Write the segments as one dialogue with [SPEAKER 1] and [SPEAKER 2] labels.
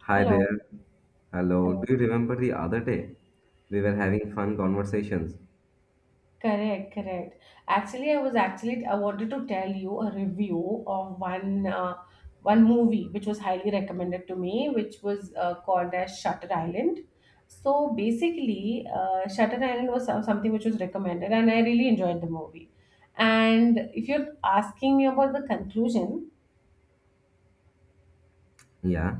[SPEAKER 1] Hi
[SPEAKER 2] Hello.
[SPEAKER 1] there. Hello.
[SPEAKER 2] Hello.
[SPEAKER 1] Do you remember the other day? We were having fun conversations.
[SPEAKER 2] Correct, correct. Actually, I was actually I wanted to tell you a review of one movie which was highly recommended to me, which was called as Shutter Island. So basically, Shutter Island was something which was recommended, and I really enjoyed the movie. And if you're asking me about the conclusion,
[SPEAKER 1] Yeah.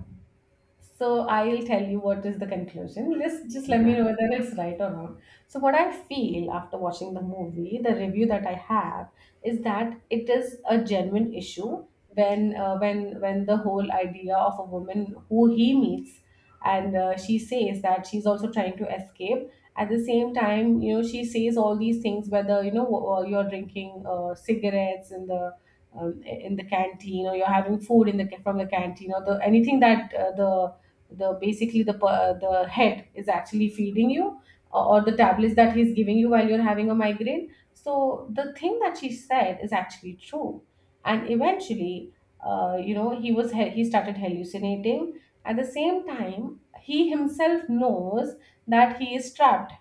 [SPEAKER 2] so I'll tell you what is the conclusion. Let me
[SPEAKER 1] Yeah.
[SPEAKER 2] know whether it's right or wrong. So what I feel after watching the movie, the review that I have is that it is a genuine issue when the whole idea of a woman who he meets, and she says that she's also trying to escape. At the same time, she says all these things, whether you're drinking cigarettes in the canteen, or you're having food in the from the canteen, or the anything that the basically the head is actually feeding you, or the tablets that he's giving you while you're having a migraine. So the thing that she said is actually true, and eventually, you know he was he started hallucinating. At the same time, he himself knows that he is trapped,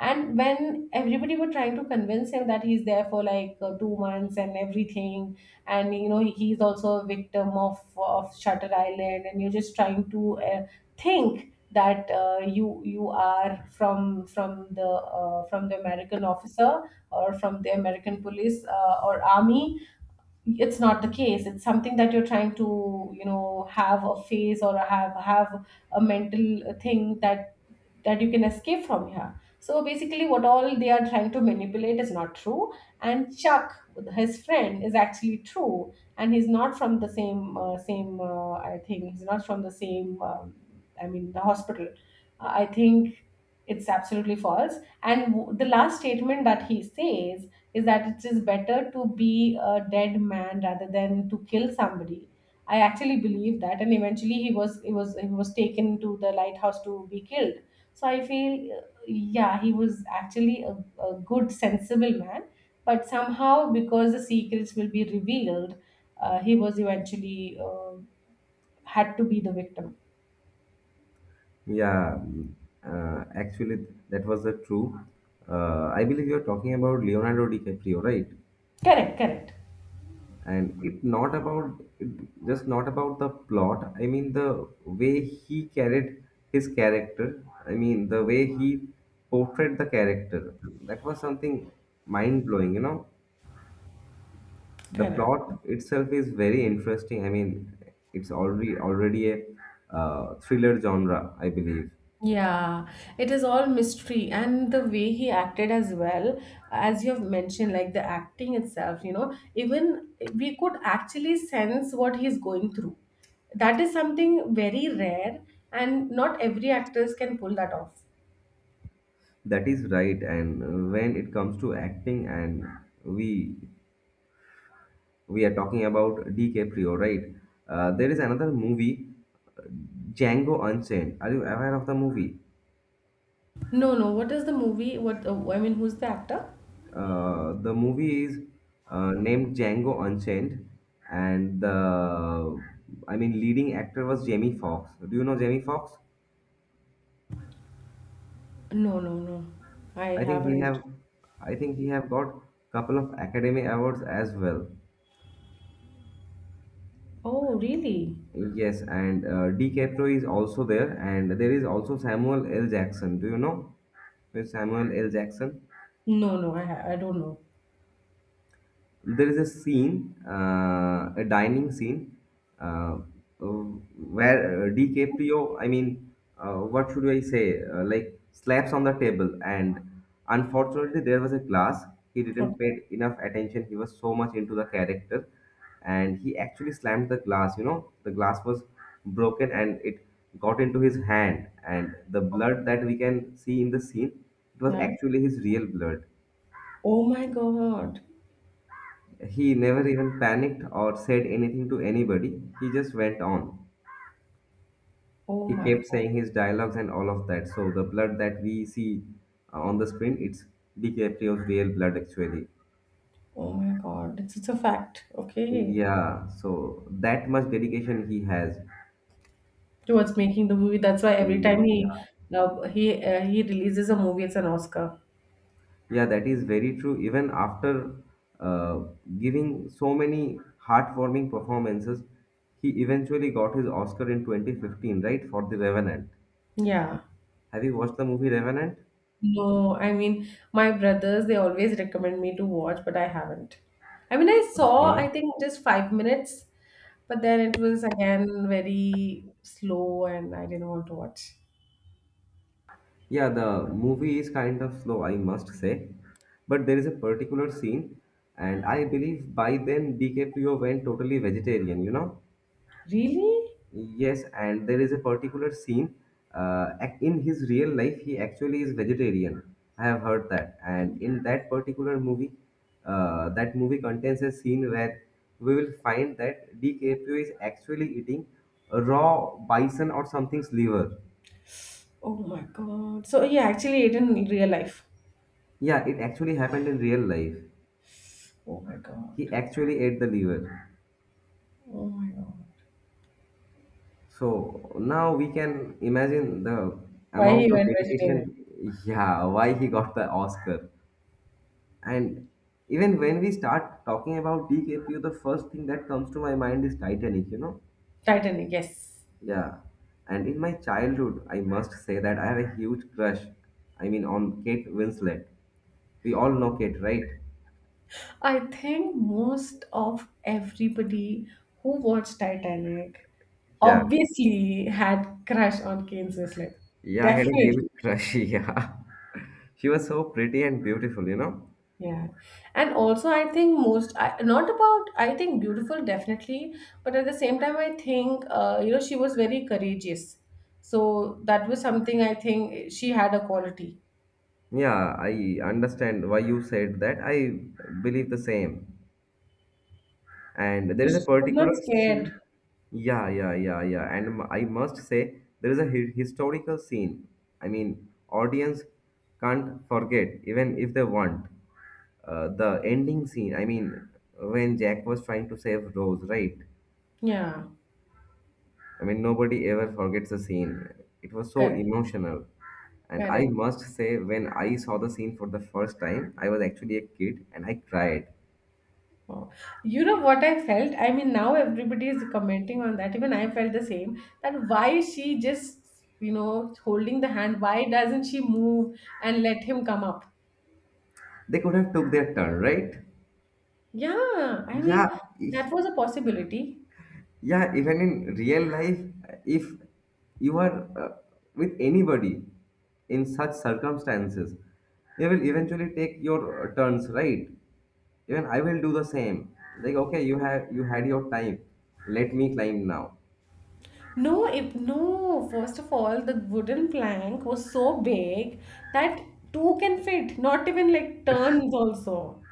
[SPEAKER 2] and when everybody were trying to convince him that he's there for like 2 months and everything. And he's also a victim of Shutter Island, and you're just trying to think that you are from the American officer, or from the American police, or army. It's not the case. It's something that you're trying to, have a face, or have a mental thing that you can escape from here. So basically, what all they are trying to manipulate is not true. And Chuck, his friend, is actually true, and he's not from the same. I think he's not from the same. I mean, the hospital. I think it's absolutely false. And the last statement that he says is that it is better to be a dead man rather than to kill somebody. I actually believe that, and eventually he was taken to the lighthouse to be killed. So I feel, yeah, he was actually a good, sensible man, but somehow because the secrets will be revealed, he was eventually, had to be the victim.
[SPEAKER 1] Yeah. mm, Actually, that was the true. I believe you're talking about Leonardo DiCaprio, right?
[SPEAKER 2] Correct, correct,
[SPEAKER 1] And it not about it just not about the plot. I mean the way he carried his character. I mean the way he portrayed the character. That was something mind blowing, you know. The
[SPEAKER 2] correct.
[SPEAKER 1] plot itself is very interesting. I mean, it's already a thriller genre, I believe.
[SPEAKER 2] Yeah, it is all mystery, and the way he acted as well, as you have mentioned, like the acting itself, even we could actually sense what he's going through. That is something very rare, and not every actors can pull that off.
[SPEAKER 1] That is right. And when it comes to acting, and we we are talking about DiCaprio, right? There is another movie, Django Unchained. Are you aware of the movie?
[SPEAKER 2] No, no, what is the movie? What, I mean, who's the actor?
[SPEAKER 1] The movie is named Django Unchained, and the I mean leading actor was Jamie Foxx. Do you know Jamie Foxx?
[SPEAKER 2] No, no, no, I
[SPEAKER 1] I think he
[SPEAKER 2] haven't.
[SPEAKER 1] have I think he have got couple of Academy Awards as well.
[SPEAKER 2] Oh, really?
[SPEAKER 1] Yes, and DiCaprio is also there, and there is also Samuel L. Jackson. Do you know who is Samuel L. Jackson?
[SPEAKER 2] No, no, I don't know.
[SPEAKER 1] There is a scene, a dining scene, uh, where DiCaprio, I mean, what should I say, like slaps on the table. And unfortunately, there was a glass. He
[SPEAKER 2] Okay.
[SPEAKER 1] didn't pay enough attention. He was so much into the character, and he actually slammed the glass. You know, the glass was broken, and it got into his hand. And the blood that we can see in the scene, it was
[SPEAKER 2] Yeah.
[SPEAKER 1] actually his real blood.
[SPEAKER 2] Oh my God.
[SPEAKER 1] He never even panicked or said anything to anybody. He just went on.
[SPEAKER 2] Oh
[SPEAKER 1] He
[SPEAKER 2] my
[SPEAKER 1] kept
[SPEAKER 2] God.
[SPEAKER 1] saying his dialogues and all of that. So the blood that we see on the screen, it's DiCaprio's real blood actually.
[SPEAKER 2] Oh my God, it's a fact. Okay,
[SPEAKER 1] Yeah, so that much dedication he has.
[SPEAKER 2] towards making the movie. That's why every time he
[SPEAKER 1] Yeah,
[SPEAKER 2] uh, he uh, he releases a movie, it's an Oscar.
[SPEAKER 1] yeah, that is very true. Even after uh, giving so many heartwarming performances, he eventually got his Oscar in 2015, right, for The Revenant.
[SPEAKER 2] Yeah.
[SPEAKER 1] Have you watched the movie Revenant?
[SPEAKER 2] No, I mean, my brothers. They always recommend me to watch, but I haven't. I mean, I saw, I
[SPEAKER 1] Okay.
[SPEAKER 2] think, just 5 minutes, but then it was again very slow, and I didn't want to watch.
[SPEAKER 1] Yeah, the movie is kind of slow, I must say. But there is a particular scene, and I believe by then DiCaprio went totally vegetarian, you know?
[SPEAKER 2] Really?
[SPEAKER 1] Yes, and there is a particular scene. In his real life, he actually is vegetarian. I have heard that. And in that particular movie, that movie contains a scene where we will find that DiCaprio is actually eating a raw bison or something's liver.
[SPEAKER 2] Oh my God. So he actually, ate in real life.
[SPEAKER 1] Yeah, it actually happened in real life.
[SPEAKER 2] Oh my God.
[SPEAKER 1] He actually ate the liver.
[SPEAKER 2] Oh my God.
[SPEAKER 1] So now we can imagine the
[SPEAKER 2] Why
[SPEAKER 1] amount
[SPEAKER 2] he
[SPEAKER 1] of
[SPEAKER 2] went
[SPEAKER 1] dedication,
[SPEAKER 2] vegetarian?
[SPEAKER 1] yeah, why he got the Oscar. And even when we start talking about DKPU, the first thing that comes to my mind is Titanic, you know?
[SPEAKER 2] Titanic, yes.
[SPEAKER 1] Yeah. And in my childhood, I must say that I have a huge crush. I mean, on Kate Winslet. We all know Kate, right?
[SPEAKER 2] I think most of everybody who watched Titanic
[SPEAKER 1] Yeah.
[SPEAKER 2] obviously had crush on Kate Winslet.
[SPEAKER 1] Yeah, I had a huge
[SPEAKER 2] Definitely.
[SPEAKER 1] crush. Yeah. She was so pretty and beautiful, you know?
[SPEAKER 2] Yeah. And also I think most I, not about I think beautiful definitely, but at the same time I think she was very courageous. So that was something I think she had a quality
[SPEAKER 1] Yeah, I understand why you said that. I believe the same. And there is a
[SPEAKER 2] because she was not
[SPEAKER 1] particular scene.
[SPEAKER 2] scared.
[SPEAKER 1] Yeah, yeah, yeah, yeah. And I must say, there is a historical scene. I mean, audience can't forget, even if they want. The ending scene, I mean, when Jack was trying to save Rose, right?
[SPEAKER 2] Yeah.
[SPEAKER 1] I mean, nobody ever forgets the scene. It was so
[SPEAKER 2] Correct.
[SPEAKER 1] emotional. And I
[SPEAKER 2] Correct.
[SPEAKER 1] must say, when I saw the scene for the first time, I was actually a kid and I cried.
[SPEAKER 2] Oh, you know what I felt? I mean, now everybody is commenting on that. Even I felt the same. That why she just, holding the hand, why doesn't she move and let him come up?
[SPEAKER 1] They could have took their turn, right?
[SPEAKER 2] Yeah, I
[SPEAKER 1] Yeah,
[SPEAKER 2] mean, that
[SPEAKER 1] e-
[SPEAKER 2] was a possibility.
[SPEAKER 1] yeah. Even in real life, if you are with anybody in such circumstances, they will eventually take your turns, right? Even I will do the same. Like, okay, you have you had your time. Let me climb now.
[SPEAKER 2] No, if no, first of all, the wooden plank was so big that two can fit, not even like turns also.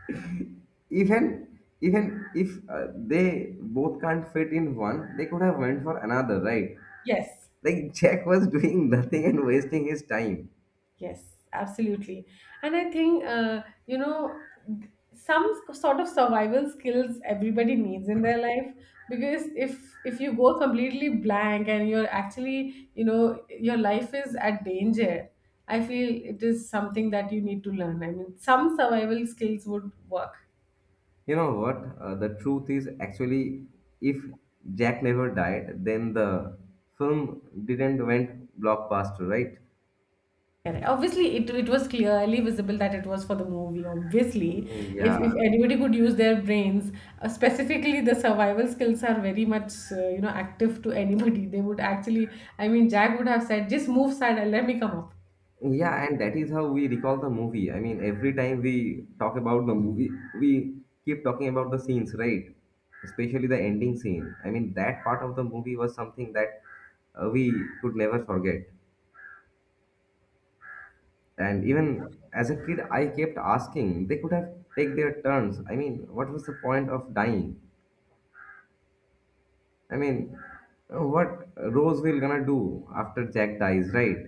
[SPEAKER 1] even even if they both can't fit in one, they could have went for another, right?
[SPEAKER 2] Yes.
[SPEAKER 1] Like Jack was doing nothing and wasting his time.
[SPEAKER 2] Yes, absolutely. And I think, some sort of survival skills everybody needs in their life, because if you go completely blank and you're actually, your life is at danger, I feel it is something that you need to learn. I mean, some survival skills would work.
[SPEAKER 1] You know what the truth is, actually if Jack never died then the film didn't went blockbuster, right?
[SPEAKER 2] Correct. Obviously, it was clearly visible that it was for the movie. Obviously, if,
[SPEAKER 1] Yeah.
[SPEAKER 2] if anybody could use their brains, specifically the survival skills are very much, active to anybody. They would actually, I mean, Jack would have said, "Just move side and let me come up."
[SPEAKER 1] Yeah, and that is how we recall the movie. I mean, every time we talk about the movie, we keep talking about the scenes, right? Especially the ending scene. I mean, that part of the movie was something that we could never forget. And even as a kid, I kept asking, they could have take their turns. I mean, what was the point of dying? I mean, what Rose will gonna do after Jack dies, right?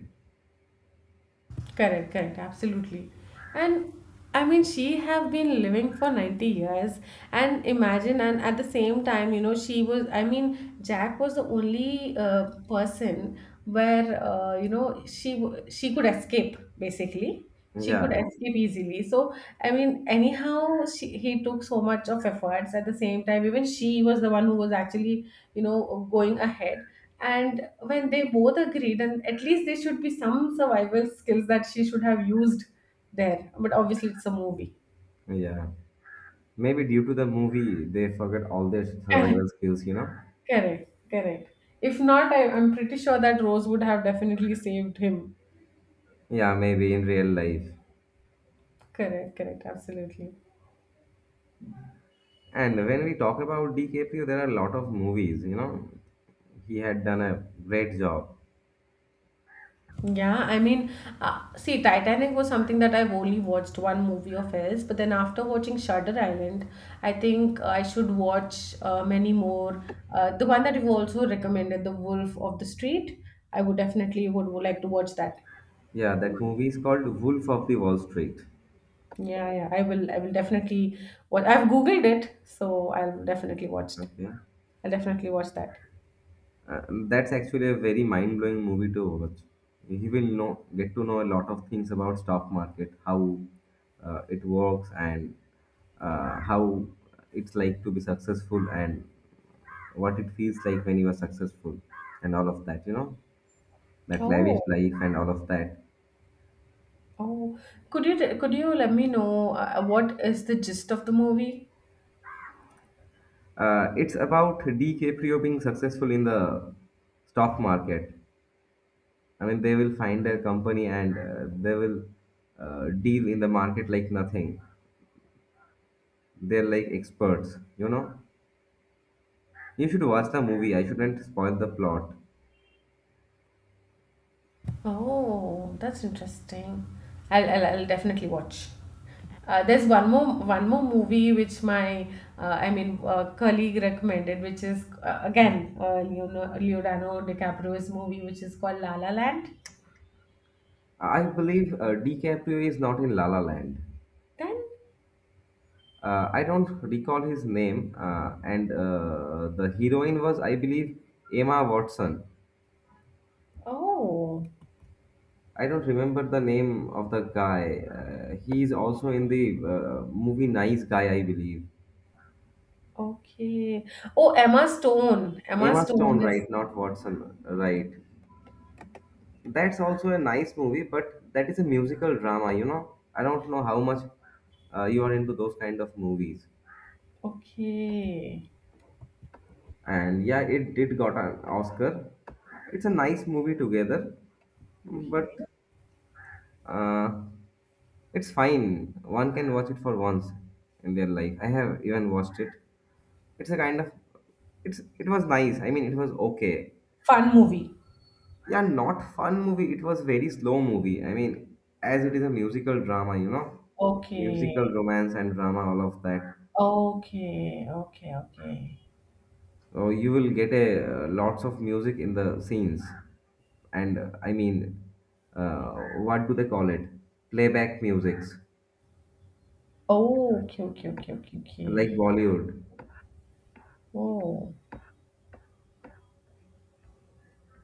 [SPEAKER 2] Correct, correct, absolutely. And I mean, she have been living for 90 years, and imagine, and at the same time, she was, I mean, Jack was the only person where, she could escape basically. She could
[SPEAKER 1] Yeah,
[SPEAKER 2] escape easily. So I mean, anyhow, he took so much of efforts. At the same time, even she was the one who was actually, going ahead, and when they both agreed, and at least there should be some survival skills that she should have used there. But obviously, it's a movie.
[SPEAKER 1] yeah. Maybe due to the movie, they forget all their
[SPEAKER 2] Correct,
[SPEAKER 1] survival skills, you know?
[SPEAKER 2] correct, correct. If not, I'm pretty sure that Rose would have definitely saved him.
[SPEAKER 1] Yeah, maybe in real life.
[SPEAKER 2] Correct, correct, absolutely.
[SPEAKER 1] And when we talk about DKPO, there are a lot of movies, you know? He had done a great job.
[SPEAKER 2] Yeah, I mean, see, Titanic was something that I've only watched one movie of his, but then after watching Shutter Island, I think I should watch many more. The one that you've also recommended, The Wolf of the Street, I would definitely would like to watch that.
[SPEAKER 1] Yeah, that movie is called Wolf of the Wall Street.
[SPEAKER 2] Yeah, yeah, I will. I will definitely. What I've googled it, so I'll definitely watch it.
[SPEAKER 1] Okay.
[SPEAKER 2] I'll definitely watch that.
[SPEAKER 1] Uh, that's actually a very mind blowing movie to watch. He will know, get to know a lot of things about stock market, how it works, and how it's like to be successful and what it feels like when you are successful and all of that, you know, that lavish
[SPEAKER 2] Oh,
[SPEAKER 1] life and all of that.
[SPEAKER 2] oh, could you let me know, what is the gist of the movie?
[SPEAKER 1] It's about DiCaprio being successful in the stock market. I mean they will find a company and they will deal in the market like nothing. They're like experts, you know. You should watch the movie, I shouldn't spoil the plot.
[SPEAKER 2] Oh, that's interesting. I'll definitely watch. There's one more movie which my I mean, colleague recommended, which is again, Leonardo DiCaprio's movie, which is called La La Land.
[SPEAKER 1] I believe DiCaprio is not in La La Land.
[SPEAKER 2] Then,
[SPEAKER 1] I don't recall his name, and the heroine was, I believe, Emma Watson.
[SPEAKER 2] oh,
[SPEAKER 1] I don't remember the name of the guy. He is also in the movie Nice Guy, I believe.
[SPEAKER 2] okay. Oh, Emma Stone. Emma
[SPEAKER 1] Emma
[SPEAKER 2] Stone
[SPEAKER 1] Stone,
[SPEAKER 2] is
[SPEAKER 1] right? Not Watson, right? That's also a nice movie, but that is a musical drama, you know? I don't know how much you are into those kind of movies.
[SPEAKER 2] okay,
[SPEAKER 1] And yeah, it did got an Oscar. It's a nice movie together, but
[SPEAKER 2] okay.
[SPEAKER 1] uh, it's fine. One can watch it for once in their life. I have even watched it. It's a kind of, it's, it was nice. I mean, it was okay.
[SPEAKER 2] Fun movie.
[SPEAKER 1] Yeah, not fun movie. It was very slow movie. I mean, as it is a musical drama, you know,
[SPEAKER 2] Okay,
[SPEAKER 1] musical romance and drama, all of that.
[SPEAKER 2] okay, okay, okay, okay.
[SPEAKER 1] So you will get a lots of music in the scenes, and I mean, uh, what do they call it? Playback musics
[SPEAKER 2] Oh, okay, okay, okay, okay,
[SPEAKER 1] like
[SPEAKER 2] okay.
[SPEAKER 1] Bollywood.
[SPEAKER 2] Oh,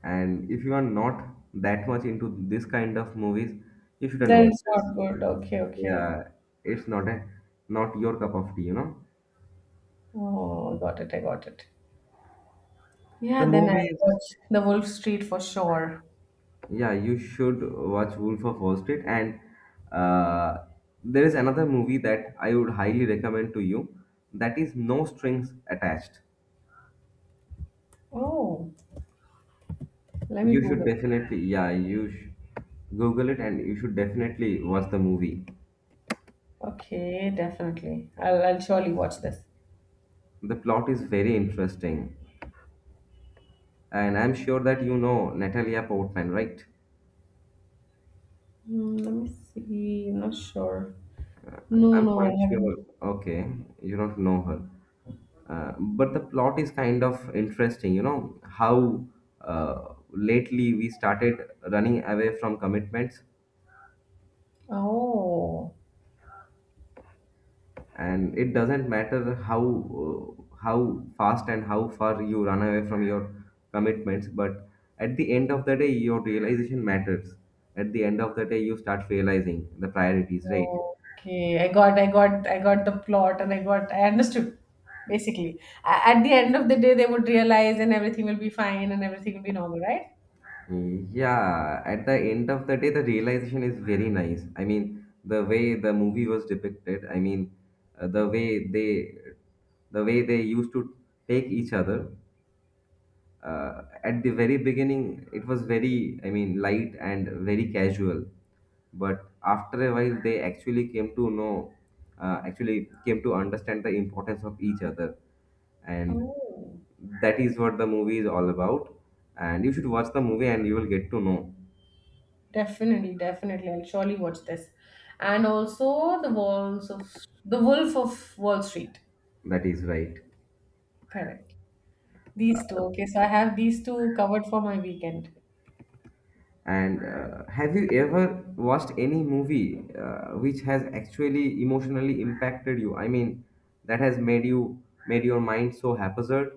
[SPEAKER 1] And if you are not that much into this kind of movies, you shouldn't
[SPEAKER 2] then
[SPEAKER 1] watch
[SPEAKER 2] it's
[SPEAKER 1] this.
[SPEAKER 2] not good. Okay, okay.
[SPEAKER 1] Yeah, it's not a, not your cup of tea, you know.
[SPEAKER 2] Oh, got it. I got it. Yeah,
[SPEAKER 1] The
[SPEAKER 2] then I'll
[SPEAKER 1] movies,
[SPEAKER 2] watch The Wolf Street for sure.
[SPEAKER 1] yeah, you should watch Wolf of Wall Street. And uh, there is another movie that I would highly recommend to you. That is No Strings Attached.
[SPEAKER 2] Oh, let me
[SPEAKER 1] You should
[SPEAKER 2] Google.
[SPEAKER 1] definitely, yeah, you sh Google it and you should definitely watch the movie.
[SPEAKER 2] Okay, definitely. I'll surely watch this.
[SPEAKER 1] The plot is very interesting. And I'm sure that you know Natalia Portman, right?
[SPEAKER 2] Hmm, let me see. I'm not sure. No,
[SPEAKER 1] I'm
[SPEAKER 2] no, I
[SPEAKER 1] quite sure.
[SPEAKER 2] haven't.
[SPEAKER 1] Okay, you don't know her. But the plot is kind of interesting, you know, how lately we started running away from commitments,
[SPEAKER 2] Oh,
[SPEAKER 1] and it doesn't matter how fast and how far you run away from your commitments, but at the end of the day, your realization matters. At the end of the day, you start realizing the priorities, right?
[SPEAKER 2] okay. I got, the plot, and I understood. Basically, at the end of the day, they would realize, and everything will be fine, and everything will be normal, right?
[SPEAKER 1] Yeah, at the end of the day, the realization is very nice. I mean, the way the movie was depicted, I mean, the way they, the way they used to take each other at the very beginning. It was very, I mean, light and very casual, but after a while they actually came to know, actually came to understand the importance of each other, and
[SPEAKER 2] Oh.
[SPEAKER 1] that is what the movie is all about. And you should watch the movie and you will get to know.
[SPEAKER 2] Definitely, definitely. I'll surely watch this. And also the walls of the Wolf of Wall Street.
[SPEAKER 1] That is right.
[SPEAKER 2] Correct. These two. Okay, so I have these two covered for my weekend.
[SPEAKER 1] And have you ever watched any movie which has actually emotionally impacted you? I mean that has made you, made your mind so haphazard.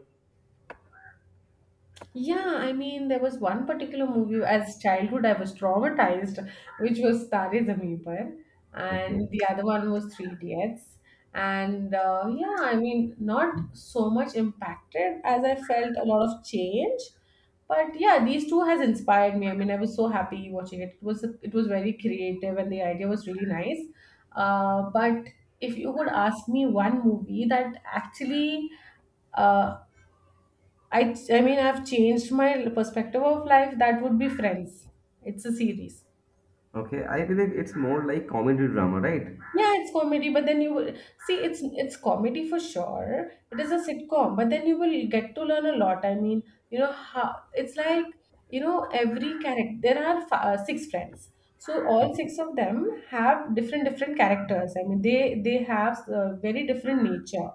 [SPEAKER 2] Yeah, I mean, there was one particular movie as childhood I was traumatized, which was Tare Zameen Par, and
[SPEAKER 1] Okay.
[SPEAKER 2] the other one was Three Idiots. And yeah, I mean, not so much impacted as I felt a lot of change, but yeah, these two has inspired me. I mean, I was so happy watching it. It was very creative, and the idea was really nice. But if you would ask me one movie that actually, uh, I I mean, I've changed my perspective of life. That would be Friends. It's a series.
[SPEAKER 1] Okay, I believe it's more like comedy drama, right?
[SPEAKER 2] Yeah, it's comedy, but then you will see it's comedy for sure. It is a sitcom, but then you will get to learn a lot. I mean, you know how it's like, every character. There are six friends, so all six of them have different different characters. I mean, they have very different nature.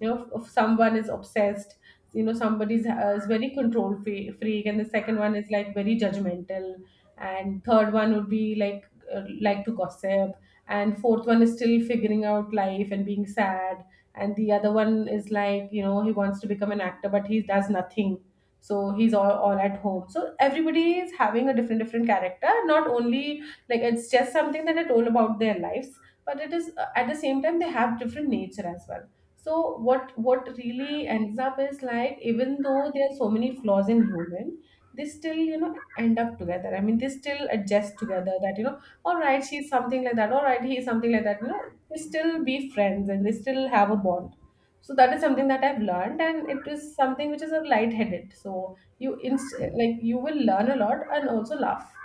[SPEAKER 2] If someone is obsessed. Somebody's, is very control freak, and the second one is like very judgmental, and third one would be uh, like to gossip, and fourth one is still figuring out life and being sad, and the other one is like, he wants to become an actor, but he does nothing, so he's all at home. So everybody is having a different different character, not only like it's just something that I told about their lives, but it is, at the same time, they have different nature as well. So what really ends up is like, even though there are so many flaws in human, they still end up together. I mean, they still adjust together. That, all right, she's something like that. All right, he's something like that. You know, they still be friends and they still have a bond. So that is something that I've learned, and it is something which is a light-headed. So like you will learn a lot and also laugh.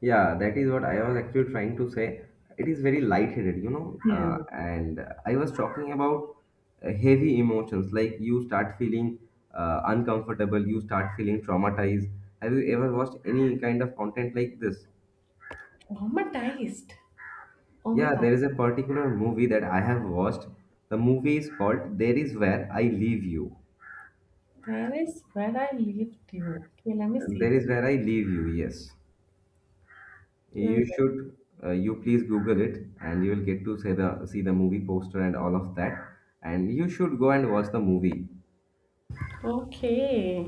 [SPEAKER 1] Yeah, that is what I was actually trying to say. It is very lightheaded, you know.
[SPEAKER 2] Hmm.
[SPEAKER 1] And I was talking about heavy emotions, like you start feeling uncomfortable, you start feeling traumatized. Have you ever watched any kind of content like this?
[SPEAKER 2] Traumatized. Oh my
[SPEAKER 1] Yeah,
[SPEAKER 2] God.
[SPEAKER 1] there is a particular movie that I have watched. The movie is called There Is Where I Leave You.
[SPEAKER 2] There is where I lived you. Okay, let me see
[SPEAKER 1] There
[SPEAKER 2] this.
[SPEAKER 1] Is Where I Leave You, yes.
[SPEAKER 2] Let me
[SPEAKER 1] You
[SPEAKER 2] go.
[SPEAKER 1] should, you please Google it, and you will get to see the movie poster and all of that. And you should go and watch the movie.
[SPEAKER 2] Okay.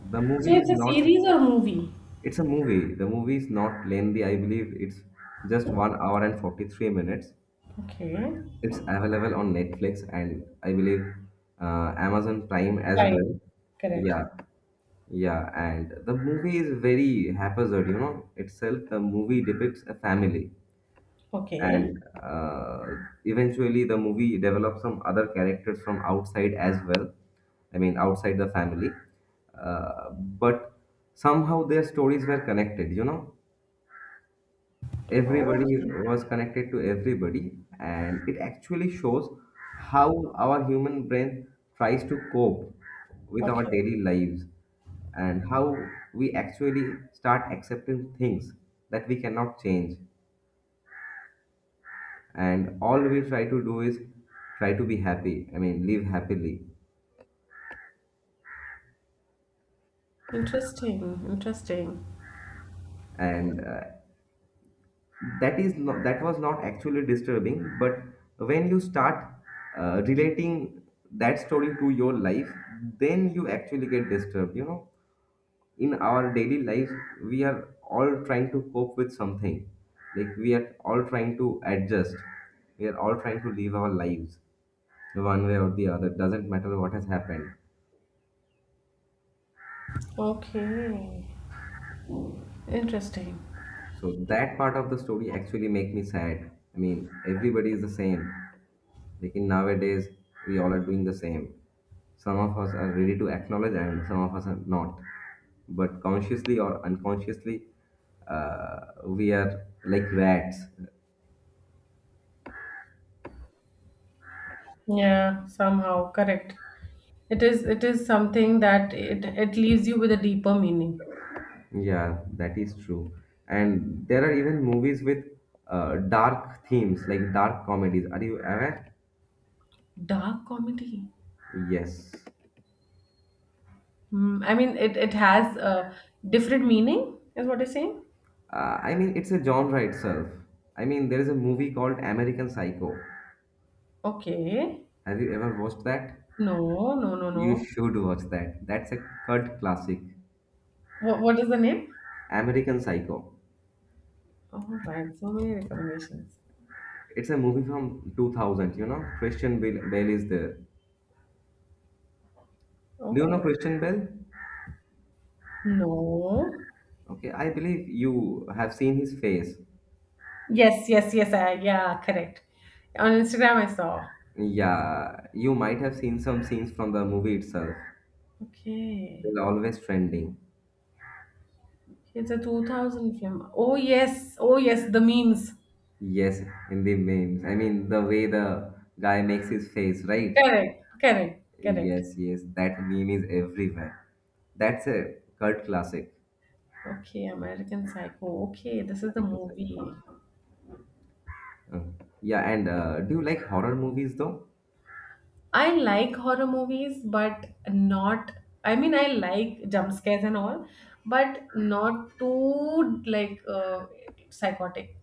[SPEAKER 1] The
[SPEAKER 2] So
[SPEAKER 1] movie is
[SPEAKER 2] it's a
[SPEAKER 1] not.
[SPEAKER 2] series or movie?
[SPEAKER 1] It's a movie. The movie is not lengthy. I believe it's just 1 hour and 43 minutes.
[SPEAKER 2] Okay.
[SPEAKER 1] It's available on Netflix and I believe Amazon Prime as
[SPEAKER 2] Fine.
[SPEAKER 1] well.
[SPEAKER 2] Correct.
[SPEAKER 1] Yeah, yeah. And the movie is very haphazard. Itself the movie depicts a family
[SPEAKER 2] Okay.
[SPEAKER 1] and eventually the movie develops some other characters from outside as well, I mean outside the family, but somehow their stories were connected,
[SPEAKER 2] Oh,
[SPEAKER 1] everybody was connected to everybody, and it actually shows how our human brain tries to cope with our
[SPEAKER 2] okay.
[SPEAKER 1] daily lives, and how we actually start accepting things that we cannot change, and all we try to do is try to be happy, I mean live happily.
[SPEAKER 2] Interesting. Interesting.
[SPEAKER 1] And that was not actually disturbing, but when you start relating that story to your life, then you actually get disturbed. You know, in our daily life we are all trying to cope with something, like we are all trying to adjust, we are all trying to live our lives one way or the other, doesn't matter what has happened.
[SPEAKER 2] Okay. Interesting.
[SPEAKER 1] So that part of the story actually make me sad. I mean, everybody is the same. Like in nowadays, we all are doing the same. Some of us are ready to acknowledge, and some of us are not. But consciously or unconsciously, uh, we are like rats.
[SPEAKER 2] Yeah, somehow. Correct. It is something that it leaves you with a deeper meaning.
[SPEAKER 1] Yeah, that is true. And there are even movies with dark themes, like dark comedies. Are you aware?
[SPEAKER 2] Dark comedy.
[SPEAKER 1] Yes.
[SPEAKER 2] Hmm. I mean it has a different meaning, is what you're saying?
[SPEAKER 1] I mean, it's a genre itself. I mean, there is a movie called American Psycho.
[SPEAKER 2] Okay.
[SPEAKER 1] Have you ever watched that?
[SPEAKER 2] No, no, no, no.
[SPEAKER 1] You should watch that. That's a cult classic.
[SPEAKER 2] What is the name?
[SPEAKER 1] American Psycho.
[SPEAKER 2] All right, so many recommendations.
[SPEAKER 1] It's a movie from 2000, you know? Christian Bale, Bale is there. Do you know
[SPEAKER 2] Oh,
[SPEAKER 1] Christian Bale?
[SPEAKER 2] no.
[SPEAKER 1] Okay, I believe you have seen his face.
[SPEAKER 2] Yes, yes, yes. Yeah, correct. On Instagram, I saw.
[SPEAKER 1] Yeah, you might have seen some scenes from the movie itself.
[SPEAKER 2] Okay.
[SPEAKER 1] They're always trending.
[SPEAKER 2] It's a 2000 film. Oh, yes. Oh, yes. The memes.
[SPEAKER 1] Yes, in the memes. I mean, the way the guy makes his face, right?
[SPEAKER 2] Correct, correct, correct.
[SPEAKER 1] Yes, yes, that meme is everywhere. That's a cult classic.
[SPEAKER 2] Okay, American Psycho. Okay, this is the
[SPEAKER 1] Analytical side
[SPEAKER 2] movie.
[SPEAKER 1] though. Mm. Yeah, and do you like horror movies though?
[SPEAKER 2] I like horror movies, but not. I mean, I like jump scares and all, but not too like psychotic.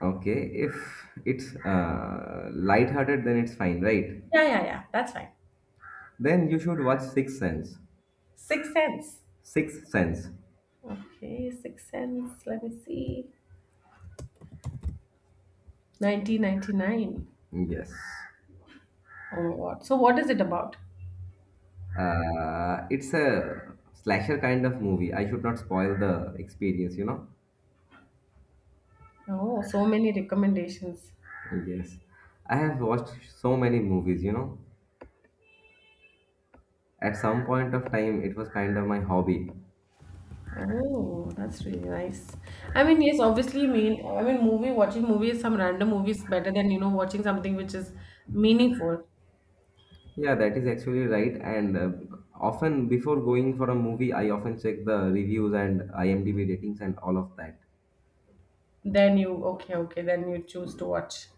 [SPEAKER 1] Okay, if it's lighthearted, then it's fine, right?
[SPEAKER 2] Yeah, yeah, yeah. That's fine.
[SPEAKER 1] Then you should watch Sixth Sense.
[SPEAKER 2] Sixth Sense.
[SPEAKER 1] Sixth Sense.
[SPEAKER 2] Okay, Sixth Sense. Let me see. 1999.
[SPEAKER 1] Yes.
[SPEAKER 2] Oh my god. So, what is it about?
[SPEAKER 1] It's a slasher kind of movie. I should not spoil the experience, you know?
[SPEAKER 2] Oh, so many recommendations.
[SPEAKER 1] Yes. I have watched so many movies, you know? At some point of time, it was kind of my hobby.
[SPEAKER 2] Oh, that's really nice. I mean, yes, obviously, mean I mean, movie watching movie is some random movie is better than you know, watching something which is meaningful.
[SPEAKER 1] Yeah, that is actually right. And often before going for a movie, I often check the reviews and IMDb ratings and all of that.
[SPEAKER 2] Then you okay, okay. Then you choose to watch.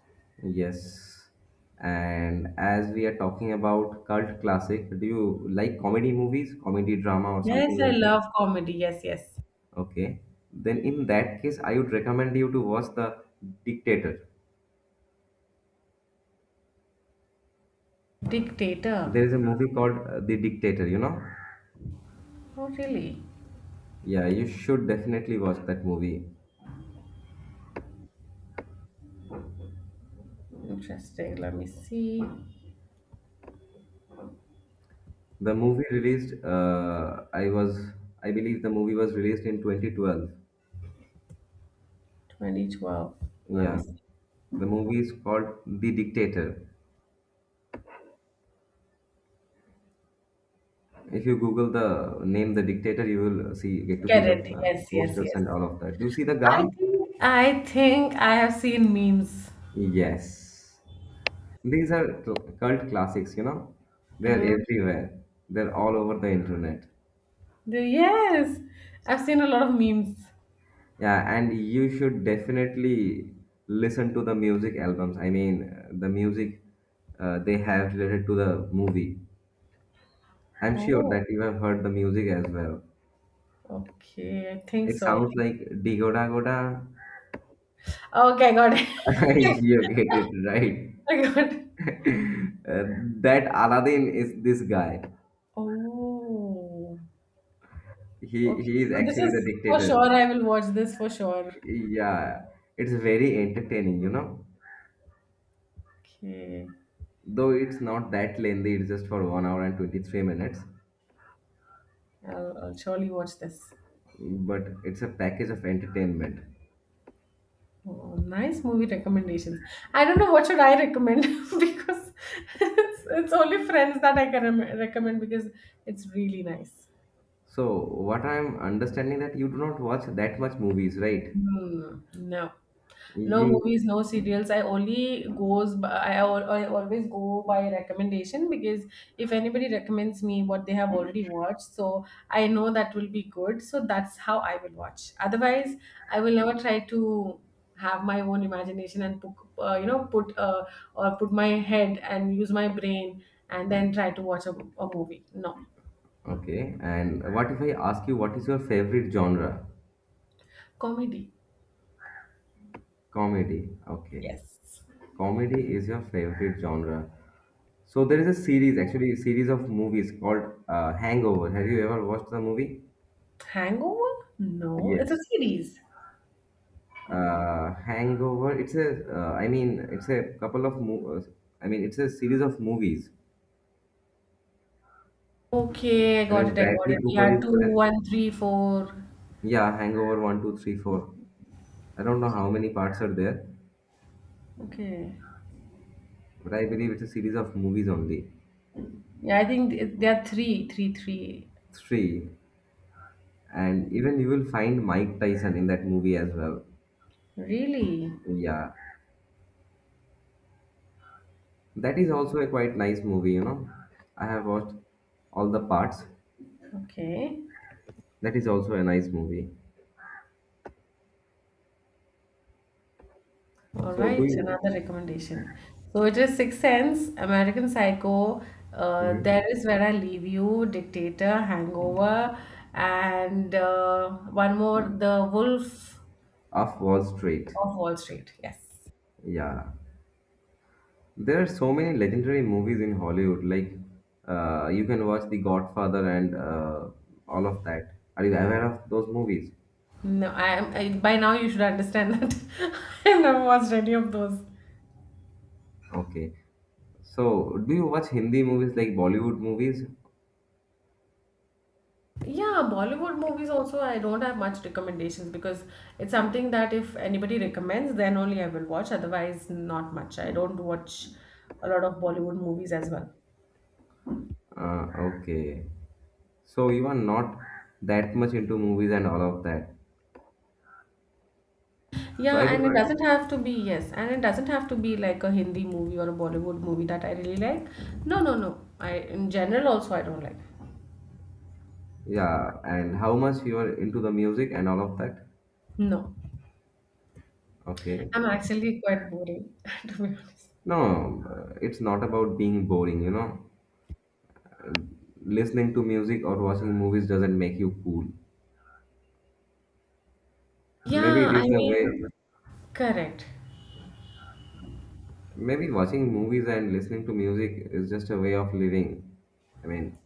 [SPEAKER 1] Yes. And as we are talking about cult classic, do you like comedy movies, comedy drama, or
[SPEAKER 2] Yes,
[SPEAKER 1] something
[SPEAKER 2] I
[SPEAKER 1] like that?
[SPEAKER 2] love comedy. Yes, yes.
[SPEAKER 1] Okay. Then in that case, I would recommend you to watch The Dictator.
[SPEAKER 2] Dictator.
[SPEAKER 1] There is a movie called The Dictator, you know?
[SPEAKER 2] Oh, really?
[SPEAKER 1] Yeah, you should definitely watch that movie.
[SPEAKER 2] Interesting. Let me see.
[SPEAKER 1] The movie released, I was, I believe the movie was released in 2012.
[SPEAKER 2] 2012. Let me
[SPEAKER 1] Yeah.
[SPEAKER 2] see.
[SPEAKER 1] The movie is called The Dictator. If you Google the name The Dictator, you will get to see
[SPEAKER 2] Get
[SPEAKER 1] the
[SPEAKER 2] it? Yes, yes,
[SPEAKER 1] posters
[SPEAKER 2] yes.
[SPEAKER 1] and all of that. Do you see the
[SPEAKER 2] I
[SPEAKER 1] guy?
[SPEAKER 2] think I think I have seen memes.
[SPEAKER 1] Yes. These are cult classics. They're
[SPEAKER 2] Oh,
[SPEAKER 1] everywhere. They're all over the internet.
[SPEAKER 2] yes, I've seen a lot of memes.
[SPEAKER 1] Yeah, and you should definitely listen to the music albums. I mean, the music, they have related to the movie. I'm sure
[SPEAKER 2] Oh,
[SPEAKER 1] that you have heard the music as well.
[SPEAKER 2] okay. I think
[SPEAKER 1] It
[SPEAKER 2] so. I
[SPEAKER 1] sounds
[SPEAKER 2] think.
[SPEAKER 1] like Digoda Goda.
[SPEAKER 2] Okay, I got it.
[SPEAKER 1] You get it right.
[SPEAKER 2] I got it.
[SPEAKER 1] Uh, that Aladdin is this guy.
[SPEAKER 2] Oh,
[SPEAKER 1] He
[SPEAKER 2] okay.
[SPEAKER 1] he is
[SPEAKER 2] So this
[SPEAKER 1] actually the
[SPEAKER 2] is for
[SPEAKER 1] dictator.
[SPEAKER 2] sure. I will watch this for sure.
[SPEAKER 1] Yeah, it's very entertaining.
[SPEAKER 2] Okay,
[SPEAKER 1] Though it's not that lengthy, it's just for 1 hour and 23 minutes.
[SPEAKER 2] I'll surely watch this.
[SPEAKER 1] But it's a package of entertainment.
[SPEAKER 2] Oh, nice movie recommendations. I don't know what should I recommend because it's only Friends that I can recommend because it's really nice.
[SPEAKER 1] So what I'm understanding that you do not watch that much movies, right?
[SPEAKER 2] Hmm. No. No
[SPEAKER 1] You
[SPEAKER 2] movies, no serials. I only goes by, I, al- I always go by recommendation because if anybody recommends me what they have already watched, so I know that will be good. So that's how I will watch. Otherwise, I will never try to have my own imagination and put, you know put or put my head and use my brain and then try to watch a movie. No
[SPEAKER 1] Okay? And what if I ask you what is your favorite genre?
[SPEAKER 2] comedy.
[SPEAKER 1] Comedy. Okay.
[SPEAKER 2] Yes.
[SPEAKER 1] Comedy is your favorite genre. So there is a series, actually, a series of movies called Hangover. Have you ever watched the movie?
[SPEAKER 2] Hangover? No, it's a
[SPEAKER 1] Yes.
[SPEAKER 2] series.
[SPEAKER 1] Hangover. It's a. I mean, it's a couple of. I mean, it's a series of movies.
[SPEAKER 2] Okay, I
[SPEAKER 1] I
[SPEAKER 2] got
[SPEAKER 1] mean,
[SPEAKER 2] it. I got
[SPEAKER 1] Bradley
[SPEAKER 2] it.
[SPEAKER 1] Cooper
[SPEAKER 2] Yeah,
[SPEAKER 1] is
[SPEAKER 2] two,
[SPEAKER 1] there.
[SPEAKER 2] one, three, four.
[SPEAKER 1] Yeah, Hangover one, 2, 3, 4. I don't know how many parts are there,
[SPEAKER 2] Okay.
[SPEAKER 1] but I believe it's a series of movies only.
[SPEAKER 2] Yeah, there are three, three, three.
[SPEAKER 1] Three. And even you will find Mike Tyson in that movie as well.
[SPEAKER 2] Really?
[SPEAKER 1] Yeah. That is also a quite nice movie. I have watched all the parts.
[SPEAKER 2] Okay.
[SPEAKER 1] That is also a nice movie.
[SPEAKER 2] All
[SPEAKER 1] So do
[SPEAKER 2] right.
[SPEAKER 1] you?
[SPEAKER 2] Another recommendation. So it is Sixth Sense, American Psycho. There
[SPEAKER 1] Mhm.
[SPEAKER 2] is where I leave you, Dictator, Hangover, and one more, The Wolf
[SPEAKER 1] Off Wall Street.
[SPEAKER 2] of Wall Street. Yes.
[SPEAKER 1] Yeah. There are so many legendary movies in Hollywood. Like you can watch The Godfather and all of that. Are you aware of those movies?
[SPEAKER 2] No, I am. By now you should understand that I've never watched any of those.
[SPEAKER 1] Okay. So do you watch Hindi movies like Bollywood movies?
[SPEAKER 2] Yeah, Bollywood movies also I don't have much recommendations because it's something that if anybody recommends, then only I will watch. Otherwise, not much. I don't watch a lot of Bollywood movies as well.
[SPEAKER 1] Uh, okay. So you are not that much into movies and all of that. So
[SPEAKER 2] Yeah,
[SPEAKER 1] I
[SPEAKER 2] and it
[SPEAKER 1] believe,
[SPEAKER 2] doesn't have to be, yes, and it doesn't have to be like a Hindi movie or a Bollywood movie that I really like. No, no, no. I in general also I don't like.
[SPEAKER 1] yeah. And how much you are into the music and all of that?
[SPEAKER 2] No.
[SPEAKER 1] Okay.
[SPEAKER 2] I'm actually quite boring, to be honest.
[SPEAKER 1] No, it's not about being boring. Listening to music or watching movies doesn't make you cool. Maybe
[SPEAKER 2] Yeah,
[SPEAKER 1] it
[SPEAKER 2] I
[SPEAKER 1] is
[SPEAKER 2] Mm,
[SPEAKER 1] the way,
[SPEAKER 2] mean, correct.
[SPEAKER 1] maybe watching movies and listening to music is just a way of living. I mean,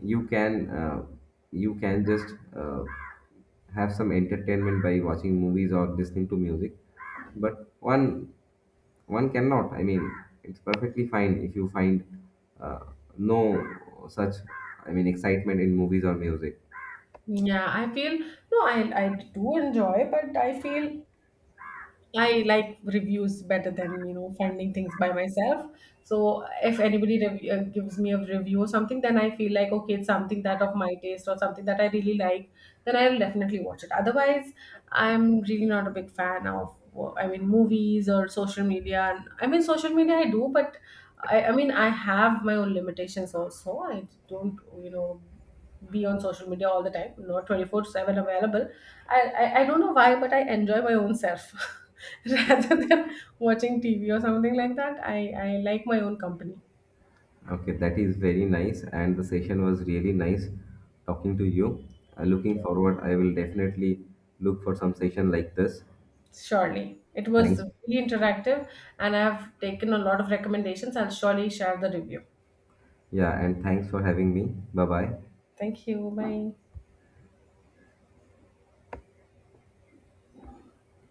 [SPEAKER 1] you can uh, you can just have some entertainment by watching movies or listening to music, but one cannot. I mean, it's perfectly fine if you find uh, no such, I mean, excitement in movies or music.
[SPEAKER 2] Yeah, I feel no, I do enjoy, but I feel I like reviews better than you know, finding things by myself. So if anybody gives me a review or something, then I feel like okay, it's something that of my taste or something that I really like. Then I'll definitely watch it. Otherwise, I'm really not a big fan of. I mean, movies or social media. And I mean, social media I do, but I mean I have my own limitations also. I don't you know, be on social media all the time, not 24/7 available. I don't know why, but I enjoy my own self rather than watching TV or something like that. I like my own company,
[SPEAKER 1] Okay, that is very nice, and the session was really nice talking to you. Looking forward, I will definitely look for some session like this.
[SPEAKER 2] surely. It was
[SPEAKER 1] Thanks.
[SPEAKER 2] really interactive, and I've taken a lot of recommendations. I'll surely share the review.
[SPEAKER 1] Yeah, and thanks for having me. Bye bye.
[SPEAKER 2] Thank you. Bye.